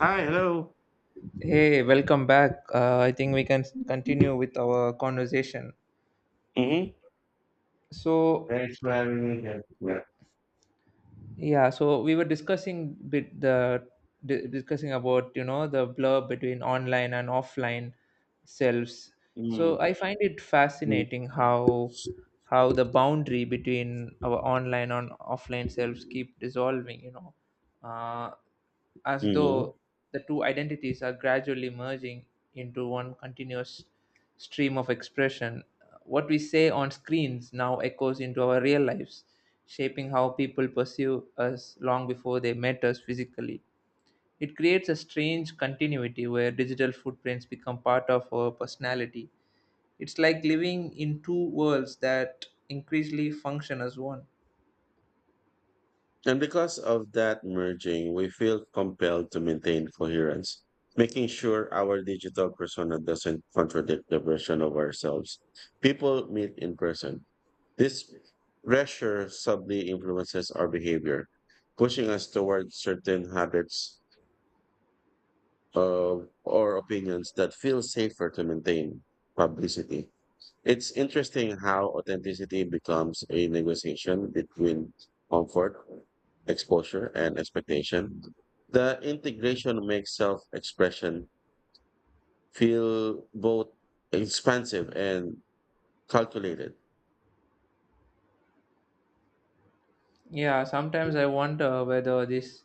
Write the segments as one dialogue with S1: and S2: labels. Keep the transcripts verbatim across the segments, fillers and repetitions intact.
S1: Hi, hello.
S2: Hey, welcome back. Uh, I think we can s- continue with our conversation.
S1: Mm-hmm.
S2: So,
S1: Thanks for having me here. Yeah.
S2: yeah, so we were discussing bit the di- discussing about you know the blur between online and offline selves.
S1: Mm-hmm.
S2: So I find it fascinating how how the boundary between our online and offline selves keep dissolving. You know, uh, as though the two identities are gradually merging into one continuous stream of expression. What we say on screens now echoes into our real lives, shaping how people perceive us long before they met us physically. It creates a strange continuity where digital footprints become part of our personality. It's like living in two worlds that increasingly function as one.
S1: And because of that merging, we feel compelled to maintain coherence, making sure our digital persona doesn't contradict the version of ourselves. People meet in person. This pressure subtly influences our behavior, pushing us towards certain habits of, or opinions that feel safer to maintain publicity. It's interesting how authenticity becomes a negotiation between comfort, exposure, and expectation. The integration makes self expression feel both expansive and calculated.
S2: Yeah, sometimes I wonder whether this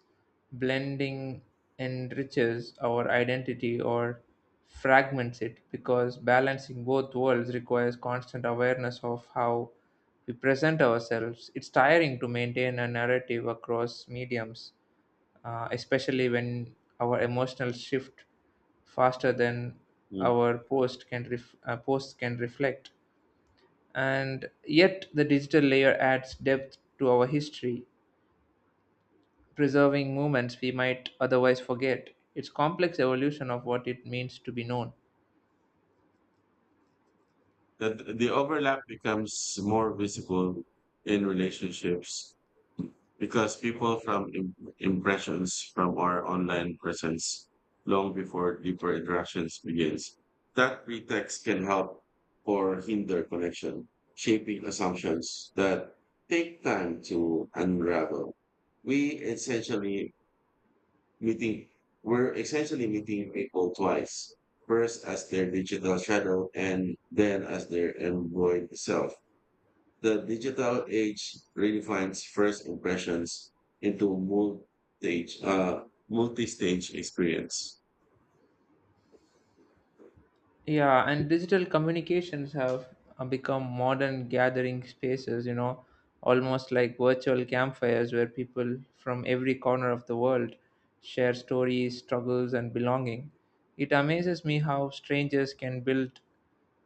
S2: blending enriches our identity or fragments it because balancing both worlds requires constant awareness of how we present ourselves. It's tiring to maintain a narrative across mediums, uh, especially when our emotional shift faster than
S1: Mm.
S2: our post can ref- uh, posts can reflect, and yet the digital layer adds depth to our history, preserving moments we might otherwise forget. It's complex evolution of what it means to be known.
S1: The, the overlap becomes more visible in relationships because people from im- impressions from our online presence long before deeper interactions begins. That pretext can help or hinder connection, shaping assumptions that take time to unravel. We essentially meeting we're essentially meeting people twice, first as their digital shadow and then as their embodied self. The digital age redefines first impressions into multi-stage, uh, multi-stage experience.
S2: Yeah, and digital communications have uh, become modern gathering spaces, you know, almost like virtual campfires where people from every corner of the world share stories, struggles, and belonging. It amazes me how strangers can build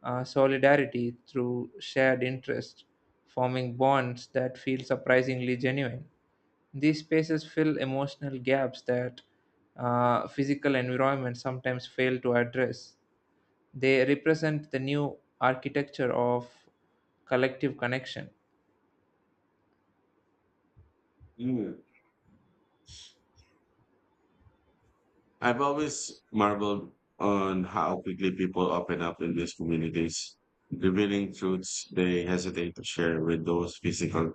S2: uh, solidarity through shared interests, forming bonds that feel surprisingly genuine. These spaces fill emotional gaps that uh, physical environments sometimes fail to address. They represent the new architecture of collective connection.
S1: Mm. I've always marveled on how quickly people open up in these communities, revealing truths they hesitate to share with those physical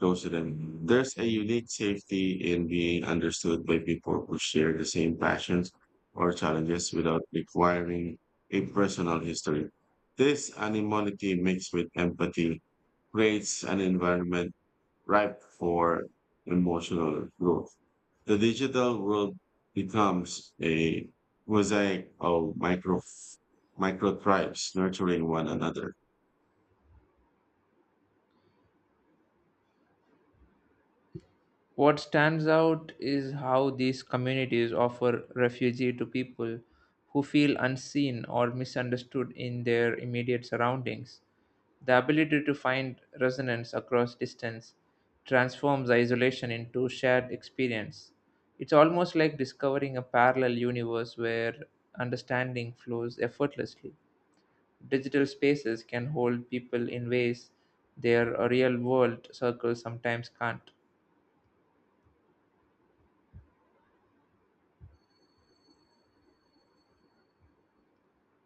S1: goes to them. There's a unique safety in being understood by people who share the same passions or challenges without requiring a personal history. This anonymity mixed with empathy creates an environment ripe for emotional growth. The digital world becomes a mosaic of micro micro tribes nurturing one another.
S2: What stands out is how these communities offer refuge to people who feel unseen or misunderstood in their immediate surroundings. The ability to find resonance across distance transforms isolation into shared experience. It's almost like discovering a parallel universe where understanding flows effortlessly. Digital spaces can hold people in ways their real world circles sometimes can't.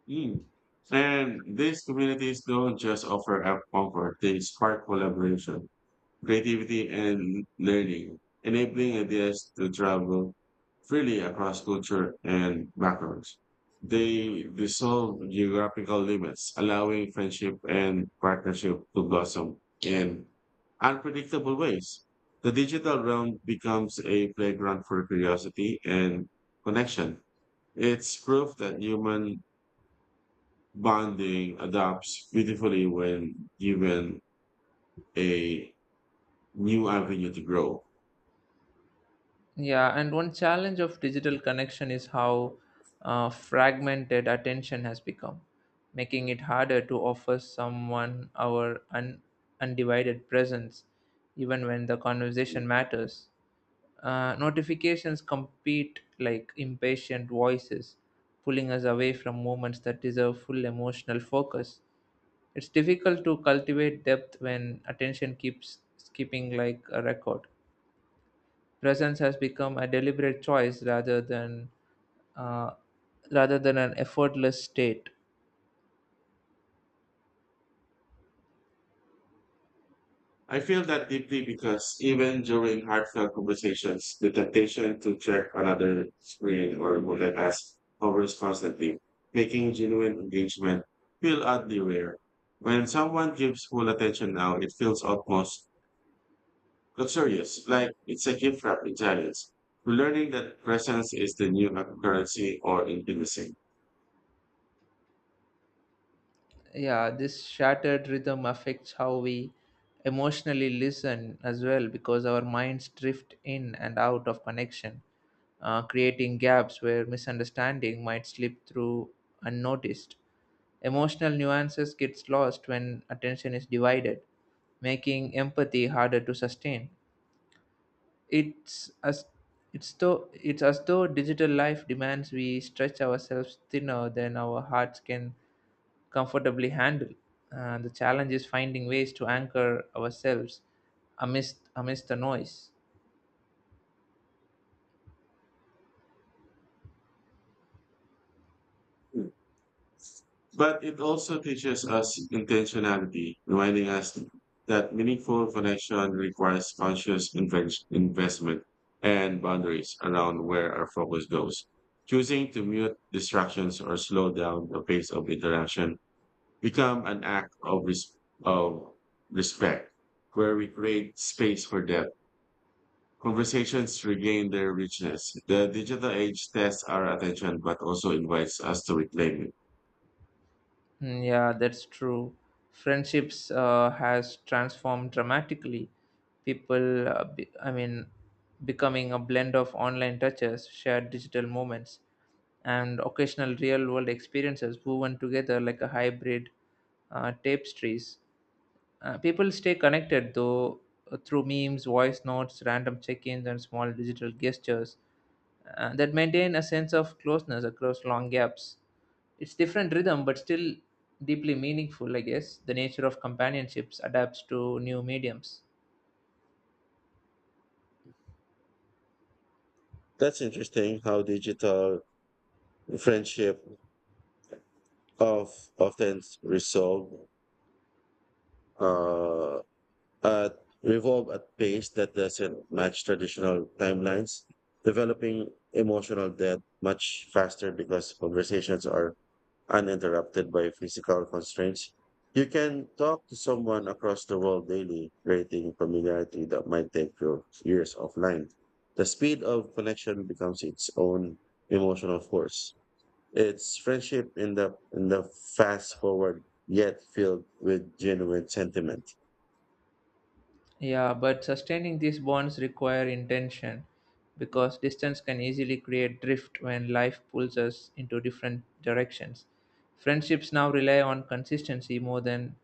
S1: Mm. And these communities don't just offer up comfort, they spark collaboration, creativity, and learning, enabling ideas to travel freely across culture and backgrounds. They dissolve geographical limits, allowing friendship and partnership to blossom in unpredictable ways. The digital realm becomes a playground for curiosity and connection. It's proof that human bonding adapts beautifully when given a new avenue to grow.
S2: Yeah, and one challenge of digital connection is how uh, fragmented attention has become, making it harder to offer someone our un- undivided presence, even when the conversation matters. Uh, notifications compete like impatient voices, pulling us away from moments that deserve full emotional focus. It's difficult to cultivate depth when attention keeps skipping like a record. Presence has become a deliberate choice rather than uh, rather than an effortless state.
S1: I feel that deeply because even during heartfelt conversations, the temptation to check another screen or multitask hovers constantly, making genuine engagement feel oddly rare. When someone gives full attention now, it feels almost luxurious, like it's a gift wrapped in silence. Learning that presence is the new currency or intimacy.
S2: Yeah, this shattered rhythm affects how we emotionally listen as well because our minds drift in and out of connection, uh, creating gaps where misunderstanding might slip through unnoticed. Emotional nuances gets lost when attention is divided, making empathy harder to sustain. It's as it's though it's as though digital life demands we stretch ourselves thinner than our hearts can comfortably handle. And the challenge is finding ways to anchor ourselves amidst amidst the noise.
S1: But it also teaches us intentionality, reminding us that meaningful connection requires conscious inven- investment and boundaries around where our focus goes. Choosing to mute distractions or slow down the pace of interaction become an act of, res- of respect, where we create space for depth. Conversations regain their richness. The digital age tests our attention, but also invites us to reclaim it.
S2: Mm. Yeah, that's true. Friendships uh, has transformed dramatically. People, uh, be, I mean, becoming a blend of online touches, shared digital moments, and occasional real-world experiences woven together like a hybrid uh, tapestries. Uh, people stay connected though uh, through memes, voice notes, random check ins, and small digital gestures uh, that maintain a sense of closeness across long gaps. It's different rhythm, but still deeply meaningful, I guess. The nature of companionships adapts to new mediums.
S1: That's interesting how digital friendship of often resolve uh, at revolve at pace that doesn't match traditional timelines, developing emotional depth much faster because conversations are uninterrupted by physical constraints. You can talk to someone across the world daily, creating familiarity that might take you years offline. The speed of connection becomes its own emotional force. It's friendship in the in the fast forward yet filled with genuine sentiment.
S2: Yeah, but sustaining these bonds require intention because distance can easily create drift when life pulls us into different directions. Friendships now rely on consistency more than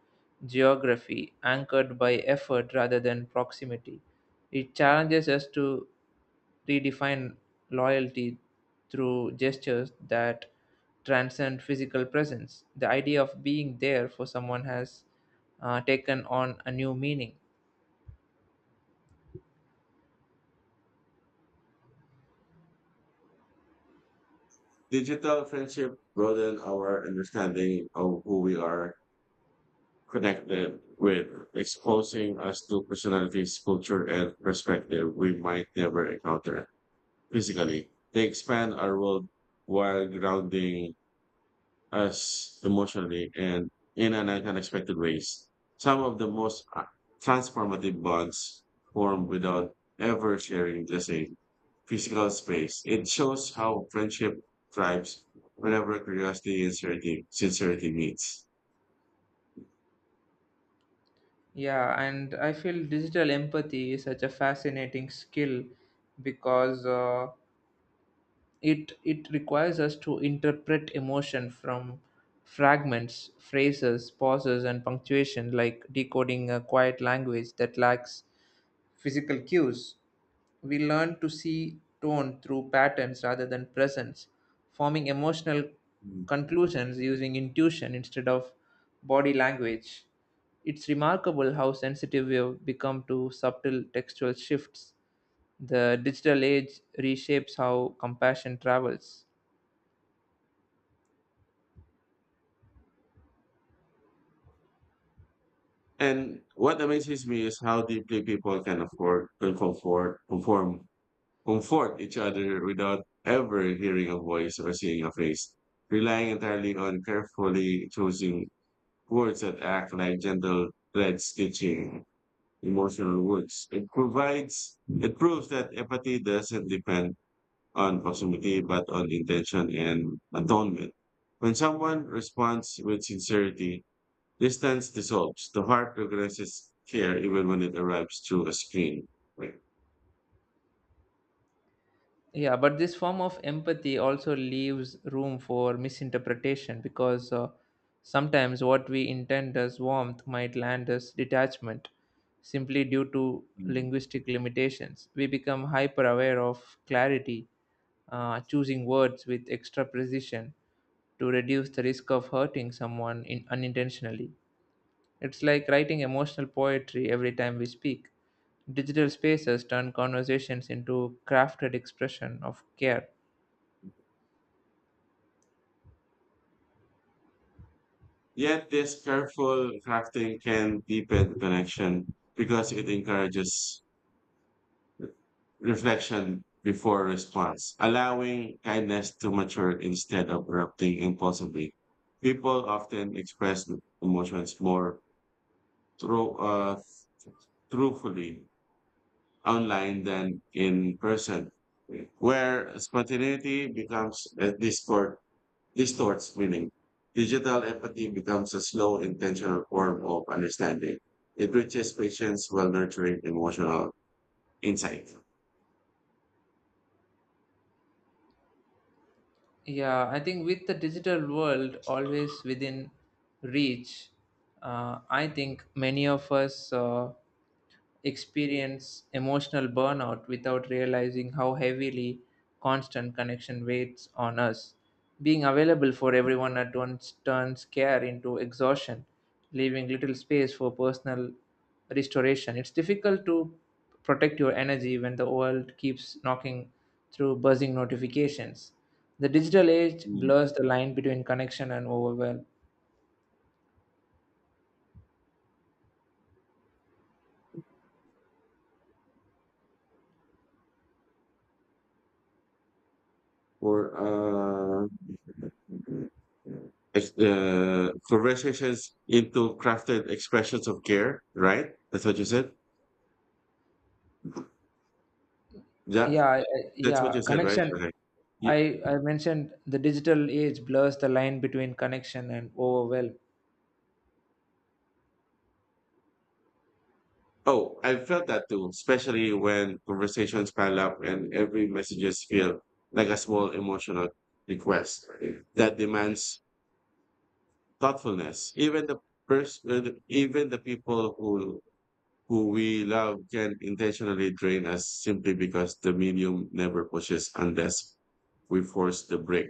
S2: geography, anchored by effort rather than proximity. It challenges us to redefine loyalty through gestures that transcend physical presence. The idea of being there for someone has uh, taken on a new meaning.
S1: Digital friendship broaden our understanding of who we are connected with, exposing us to personalities, culture, and perspective we might never encounter physically. They expand our world while grounding us emotionally and in an unexpected ways. Some of the most uh, transformative bonds form without ever sharing the same physical space. It shows how friendship thrives whenever curiosity and sincerity, sincerity meets.
S2: Yeah, and I feel digital empathy is such a fascinating skill because uh, it it requires us to interpret emotion from fragments, phrases, pauses, and punctuation, like decoding a quiet language that lacks physical cues. We learn to see tone through patterns rather than presence, forming emotional
S1: Hmm.
S2: conclusions using intuition instead of body language. It's remarkable how sensitive we have become to subtle textual shifts. The digital age reshapes how compassion travels.
S1: And what amazes me is how deeply people can afford can comfort, conform, comfort each other without ever hearing a voice or seeing a face, relying entirely on carefully choosing words that act like gentle thread stitching emotional words. It provides, it proves that empathy doesn't depend on proximity, but on intention and atonement. When someone responds with sincerity, distance dissolves. The heart progresses care even when it arrives through a screen. Right.
S2: Yeah, but this form of empathy also leaves room for misinterpretation because uh, sometimes what we intend as warmth might land as detachment simply due to
S1: Mm.
S2: linguistic limitations. We become hyper aware of clarity, uh, choosing words with extra precision to reduce the risk of hurting someone in, unintentionally. It's like writing emotional poetry every time we speak. Digital spaces turn conversations into crafted expression of care.
S1: Yet this careful crafting can deepen connection because it encourages re- reflection before response, allowing kindness to mature instead of erupting impulsively. People often express emotions more through, uh, truthfully online than in person, where spontaneity becomes a discord, distorts meaning. Digital empathy becomes a slow, intentional form of understanding. It reaches patients while nurturing emotional insight.
S2: Yeah, I think with the digital world always within reach, uh, I think many of us. Uh, experience emotional burnout without realizing how heavily constant connection weighs on us. Being available for everyone at once turns care into exhaustion, leaving little space for personal restoration. It's difficult to protect your energy when the world keeps knocking through buzzing notifications. The digital age
S1: Mm.
S2: blurs the line between connection and overwhelm.
S1: For uh, ex- uh, Conversations into crafted expressions of care, right? That's what you said. Yeah,
S2: Yeah, I- I-
S1: that's what
S2: yeah,
S1: you said, right?
S2: connection.
S1: Okay.
S2: I, I mentioned the digital age blurs the line between connection and overwhelm.
S1: Oh, I felt that too, especially when conversations pile up and every messages feel like a small emotional request that demands thoughtfulness. Even the person, even the people who who we love can intentionally drain us simply because the medium never pushes unless we force the break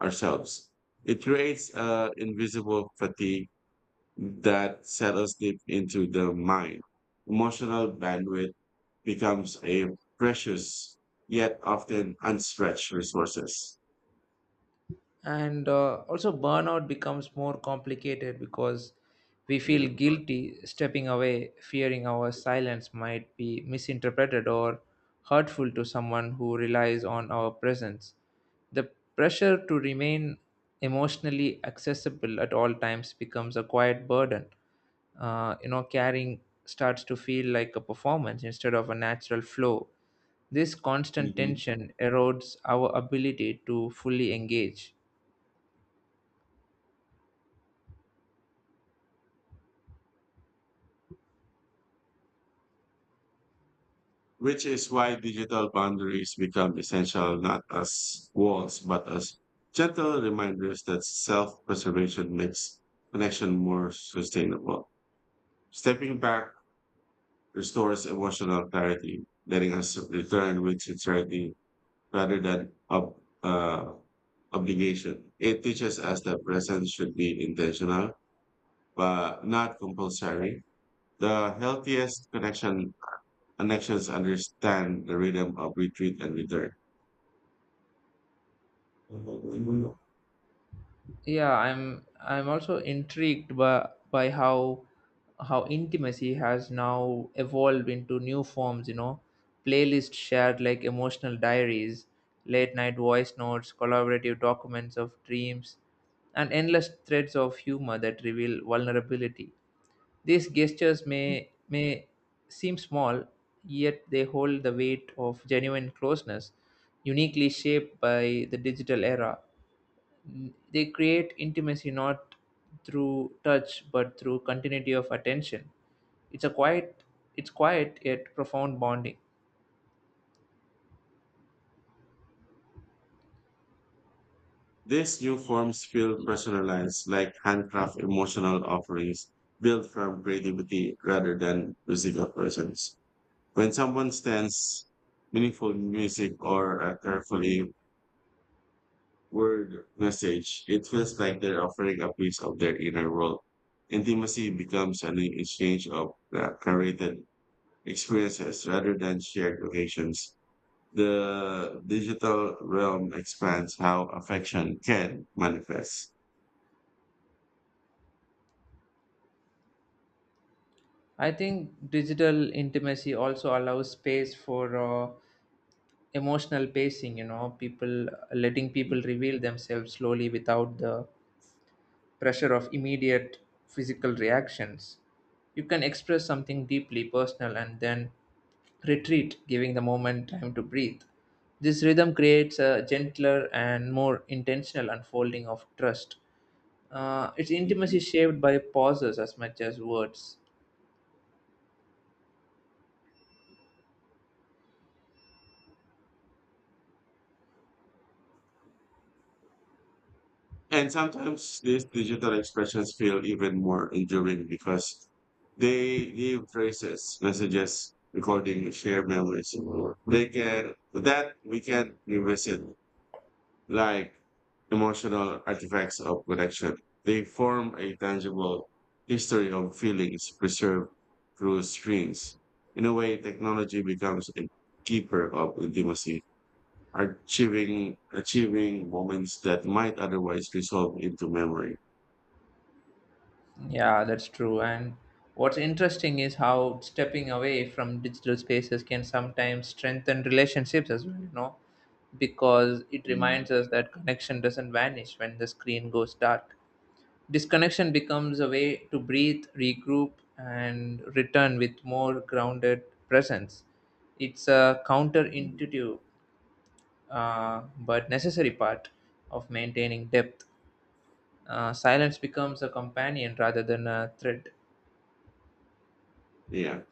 S1: ourselves. It creates uh, invisible fatigue that set us deep into the mind. Emotional bandwidth becomes a precious yet often unstretched resources.
S2: And uh, also burnout becomes more complicated because we feel guilty stepping away, fearing our silence might be misinterpreted or hurtful to someone who relies on our presence. The pressure to remain emotionally accessible at all times becomes a quiet burden. uh, you know carrying starts to feel like a performance instead of a natural flow. This constant
S1: Mhm.
S2: tension erodes our ability to fully engage.
S1: Which is why digital boundaries become essential not as walls but as gentle reminders that self-preservation makes connection more sustainable. Stepping back restores emotional clarity, letting us return with sincerity rather than ob- uh, obligation. It teaches us that presence should be intentional, but not compulsory. The healthiest connection connections understand the rhythm of retreat and return.
S2: Yeah i'm i'm also intrigued by by how how intimacy has now evolved into new forms, you know playlists shared like emotional diaries, late night voice notes, collaborative documents of dreams, and endless threads of humor that reveal vulnerability. These gestures may may seem small, yet they hold the weight of genuine closeness, uniquely shaped by the digital era. They create intimacy not through touch but through continuity of attention. It's a quiet, it's quiet yet profound bonding.
S1: These new forms feel personalized, like handcraft emotional offerings built from creativity rather than musical presence. When someone stands meaningful music or a carefully word message, it feels like they're offering a piece of their inner world. Intimacy becomes an exchange of uh, curated experiences rather than shared occasions. The digital realm expands how affection can manifest.
S2: I think digital intimacy also allows space for uh, emotional pacing. You know, people letting people reveal themselves slowly without the pressure of immediate physical reactions. You can express something deeply personal and then retreat, giving the moment time to breathe. This rhythm creates a gentler and more intentional unfolding of trust. Uh, its intimacy
S1: Mhm.
S2: is shaped by pauses as much as words.
S1: And sometimes these digital expressions feel even more enduring because they leave traces, messages, recording, shared memories. They can that we can revisit like emotional artifacts of connection. They form a tangible history of feelings preserved through screens. In a way, technology becomes a keeper of intimacy, achieving achieving moments that might otherwise resolve into memory.
S2: Yeah, that's true. And what's interesting is how stepping away from digital spaces can sometimes strengthen relationships as well, you know, because it
S1: Mm,
S2: reminds us that connection doesn't vanish when the screen goes dark. Disconnection becomes a way to breathe, regroup, and return with more grounded presence. It's a
S1: mm,
S2: counterintuitive uh, but necessary part of maintaining depth. Uh, silence becomes a companion rather than a threat.
S1: yeah.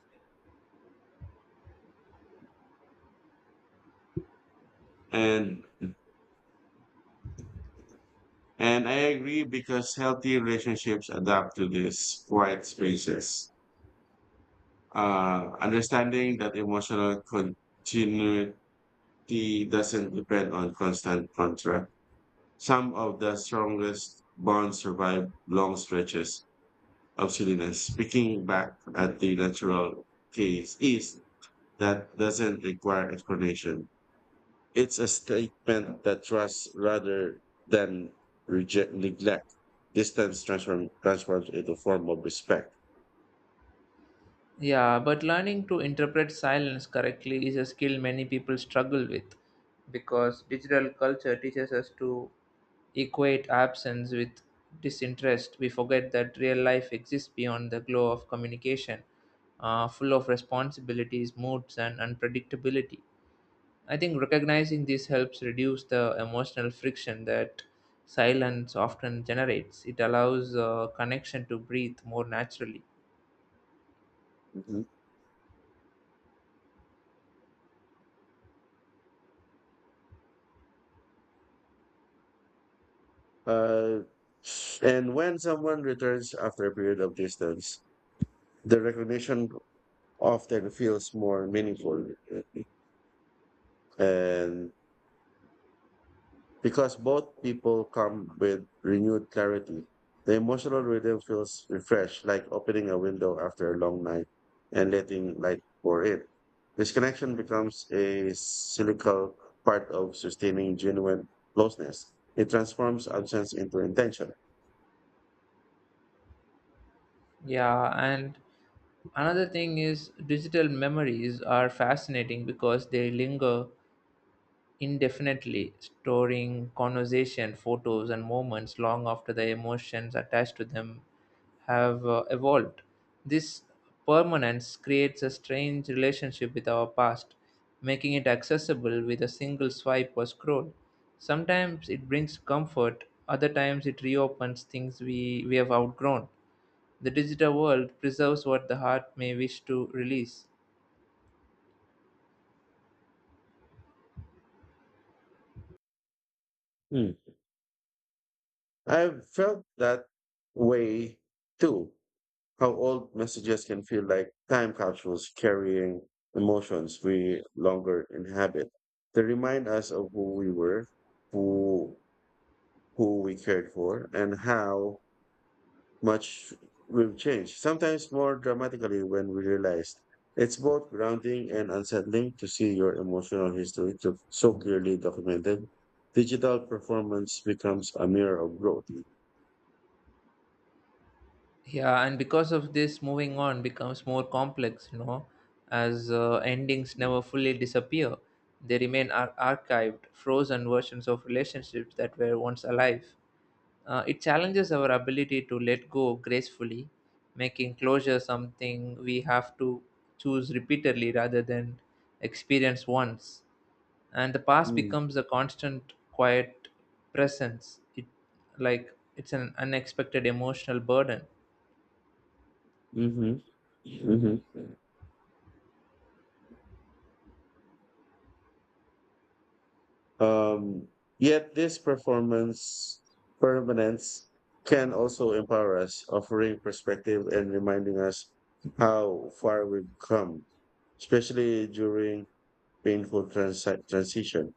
S1: And and I agree because healthy relationships adapt to these quiet spaces. Uh, understanding that emotional continuity tea doesn't depend on constant contact. Some of the strongest bonds survive long stretches of silliness. Speaking back at the natural case is that doesn't require explanation. It's a statement that trusts rather than reject neglect. Distance transform, transforms into a form of respect.
S2: Yeah, but learning to interpret silence correctly is a skill many people struggle with because digital culture teaches us to equate absence with disinterest. We forget that real life exists beyond the glow of communication, uh, full of responsibilities, moods, and unpredictability. I think recognizing this helps reduce the emotional friction that silence often generates. It allows uh, connection to breathe more naturally.
S1: Mhm. Uh, and when someone returns after a period of distance, the recognition often feels more meaningful. And because both people come with renewed clarity, the emotional rhythm feels refreshed, like opening a window after a long night and letting light pour in. This connection becomes a cyclical part of sustaining genuine closeness. It transforms absence into intention.
S2: Yeah, and another thing is digital memories are fascinating because they linger indefinitely, storing conversation, photos, and moments long after the emotions attached to them have uh, evolved. This permanence creates a strange relationship with our past, making it accessible with a single swipe or scroll. Sometimes it brings comfort, other times it reopens things we, we have outgrown. The digital world preserves what the heart may wish to release.
S1: Mm. I've felt that way too how old messages can feel like time capsules carrying emotions we longer inhabit. They remind us of who we were, who who we cared for, and how much we've changed. Sometimes more dramatically when we realize it's both grounding and unsettling to see your emotional history to so clearly documented. Digital performance becomes a mirror of growth.
S2: Yeah, and because of this, moving on becomes more complex, you know, as uh, endings never fully disappear. They remain ar- archived, frozen versions of relationships that were once alive. Uh, it challenges our ability to let go gracefully, making closure something we have to choose repeatedly rather than experience once. And the past becomes a constant quiet presence. it like it's an unexpected emotional burden.
S1: Mm-hmm. Mm-hmm. Um, Yet this performance permanence can also empower us, offering perspective and reminding us how far we've come, especially during painful transi- transition.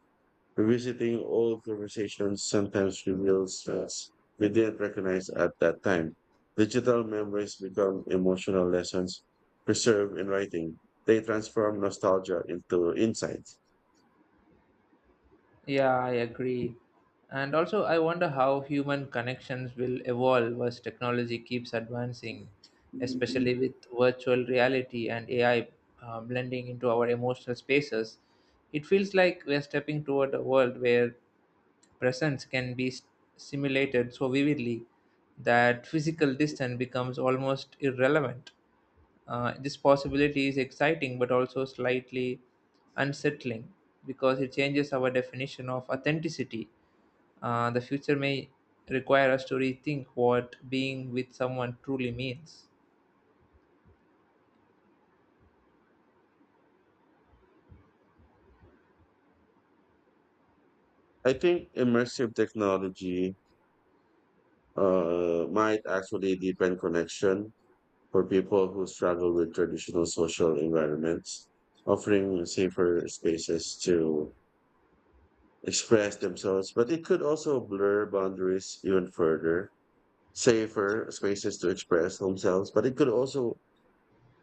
S1: Revisiting old conversations sometimes reveals us we didn't recognize at that time. Digital memories become emotional lessons preserved in writing. They transform nostalgia into insight.
S2: Yeah i agree. And also I wonder how human connections will evolve as technology keeps advancing, especially with virtual reality and AI uh, blending into our emotional spaces. It feels like we're stepping toward a world where presence can be s- simulated so vividly that physical distance becomes almost irrelevant. Uh, this possibility is exciting but also slightly unsettling because it changes our definition of authenticity. Uh, the future may require us to rethink what being with someone truly means.
S1: I think immersive technology uh, might actually deepen connection for people who struggle with traditional social environments, offering safer spaces to express themselves. But it could also blur boundaries even further, safer spaces to express themselves. But it could also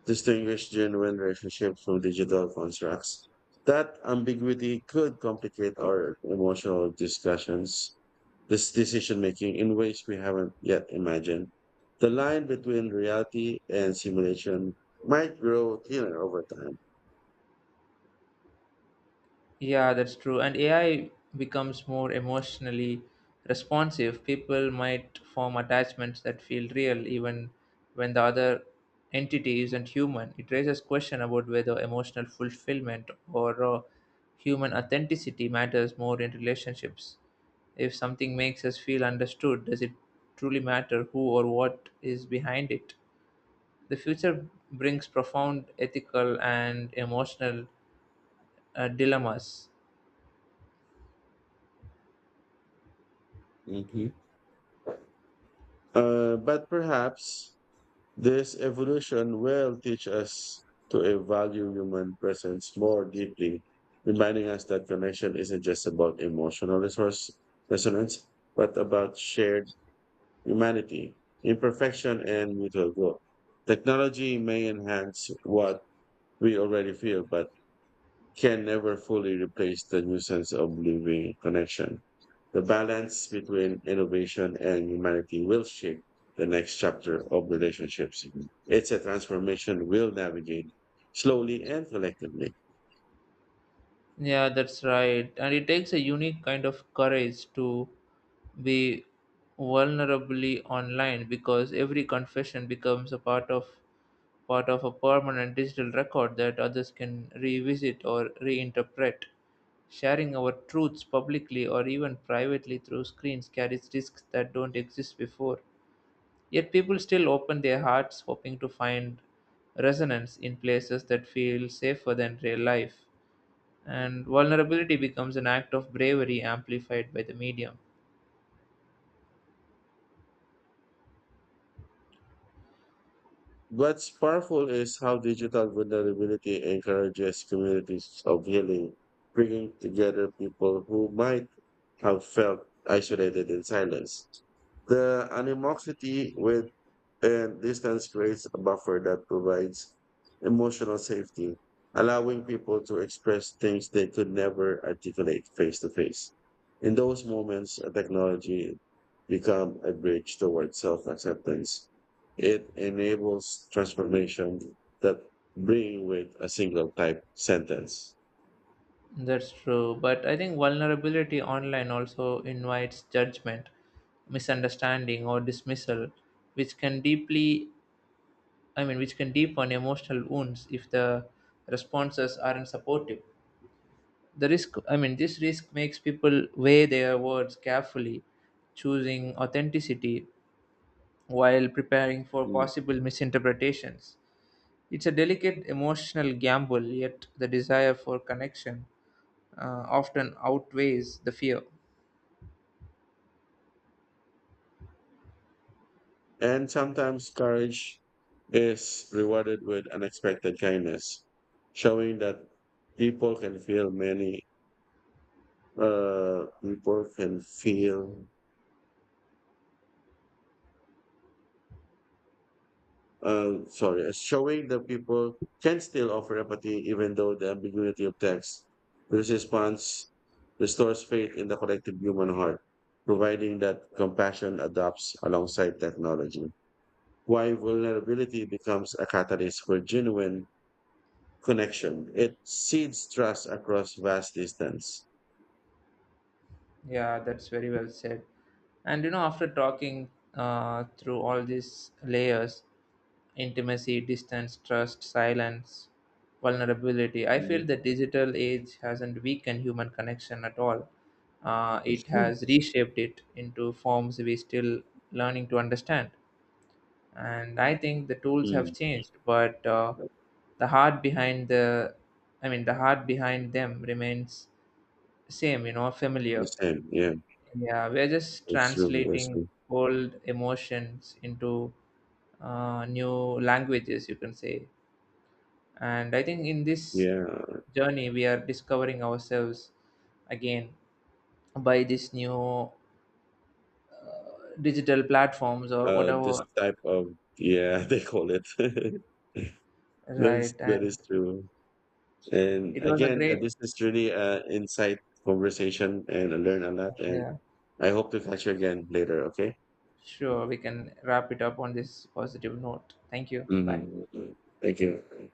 S1: distinguish genuine relationships from digital constructs. That ambiguity could complicate our emotional discussions, this decision making in ways we haven't yet imagined. The line between reality and simulation might grow thinner over time.
S2: Yeah, that's true. And A I becomes more emotionally responsive. People might form attachments that feel real even when the other entity isn't human. It raises question about whether emotional fulfillment or uh, human authenticity matters more in relationships. If something makes us feel understood, does it truly matter who or what is behind it? The future brings profound ethical and emotional uh, dilemmas.
S1: Mhm. Uh, but perhaps this evolution will teach us to value human presence more deeply, reminding us that connection isn't just about emotional resource resonance, but about shared humanity, imperfection, and mutual growth. Technology may enhance what we already feel, but can never fully replace the nuisance of living connection. The balance between innovation and humanity will shape the next chapter of relationships. It's a transformation we'll navigate slowly and collectively.
S2: Yeah, that's right. And it takes a unique kind of courage to be vulnerably online because every confession becomes a part of part of a permanent digital record that others can revisit or reinterpret. Sharing our truths publicly or even privately through screens carries risks that don't exist before. Yet people still open their hearts hoping to find resonance in places that feel safer than real life, and vulnerability becomes an act of bravery amplified by the medium.
S1: What's powerful is how digital vulnerability encourages communities of healing, bringing together people who might have felt isolated in silence. The animosity with and distance creates a buffer that provides emotional safety, allowing people to express things they could never articulate face to face. In those moments, a technology become a bridge towards self-acceptance it enables transformation that bring with a single type sentence.
S2: That's true, but I think vulnerability online also invites judgment, misunderstanding, or dismissal, which can deeply I mean which can deepen emotional wounds if the responses aren't supportive. The risk i mean this risk makes people weigh their words carefully, choosing authenticity while preparing for
S1: Mm.
S2: possible misinterpretations. It's a delicate emotional gamble, yet the desire for connection uh, often outweighs the fear.
S1: And sometimes courage is rewarded with unexpected kindness, showing that people can feel many, uh, people can feel uh, sorry, showing that people can still offer empathy even though the ambiguity of text. This response restores faith in the collective human heart, providing that compassion adopts alongside technology. Why vulnerability becomes a catalyst for genuine connection. It seeds trust across vast distance.
S2: Yeah, that's very well said. And you know, after talking uh, through all these layers, intimacy, distance, trust, silence, vulnerability, I
S1: Mhm.
S2: feel the digital age hasn't weakened human connection at all. Uh,
S1: Yes.
S2: it has reshaped it into forms we still learning to understand. And I think the tools have
S1: Mm,
S2: changed, but uh, the heart behind the i mean the heart behind them remains same, you know,
S1: the
S2: familiar.
S1: same, yeah.
S2: Yeah, we're just
S1: It's true. It's
S2: translating
S1: true.
S2: old emotions into uh, new languages, you can say. And I think in this
S1: Yeah.
S2: journey we are discovering ourselves again by these new digital platforms or
S1: Uh, this
S2: whatever.
S1: type of yeah, they call it. That's
S2: Right.
S1: that
S2: And
S1: is true. And
S2: it was a
S1: again, uh,
S2: great.
S1: this is really a insight conversation, and I learn a lot. And
S2: Yeah.
S1: I hope to catch you again later. Okay.
S2: Sure, we can wrap it up on this positive note. Thank you. Bye.
S1: Hmm. Thank you.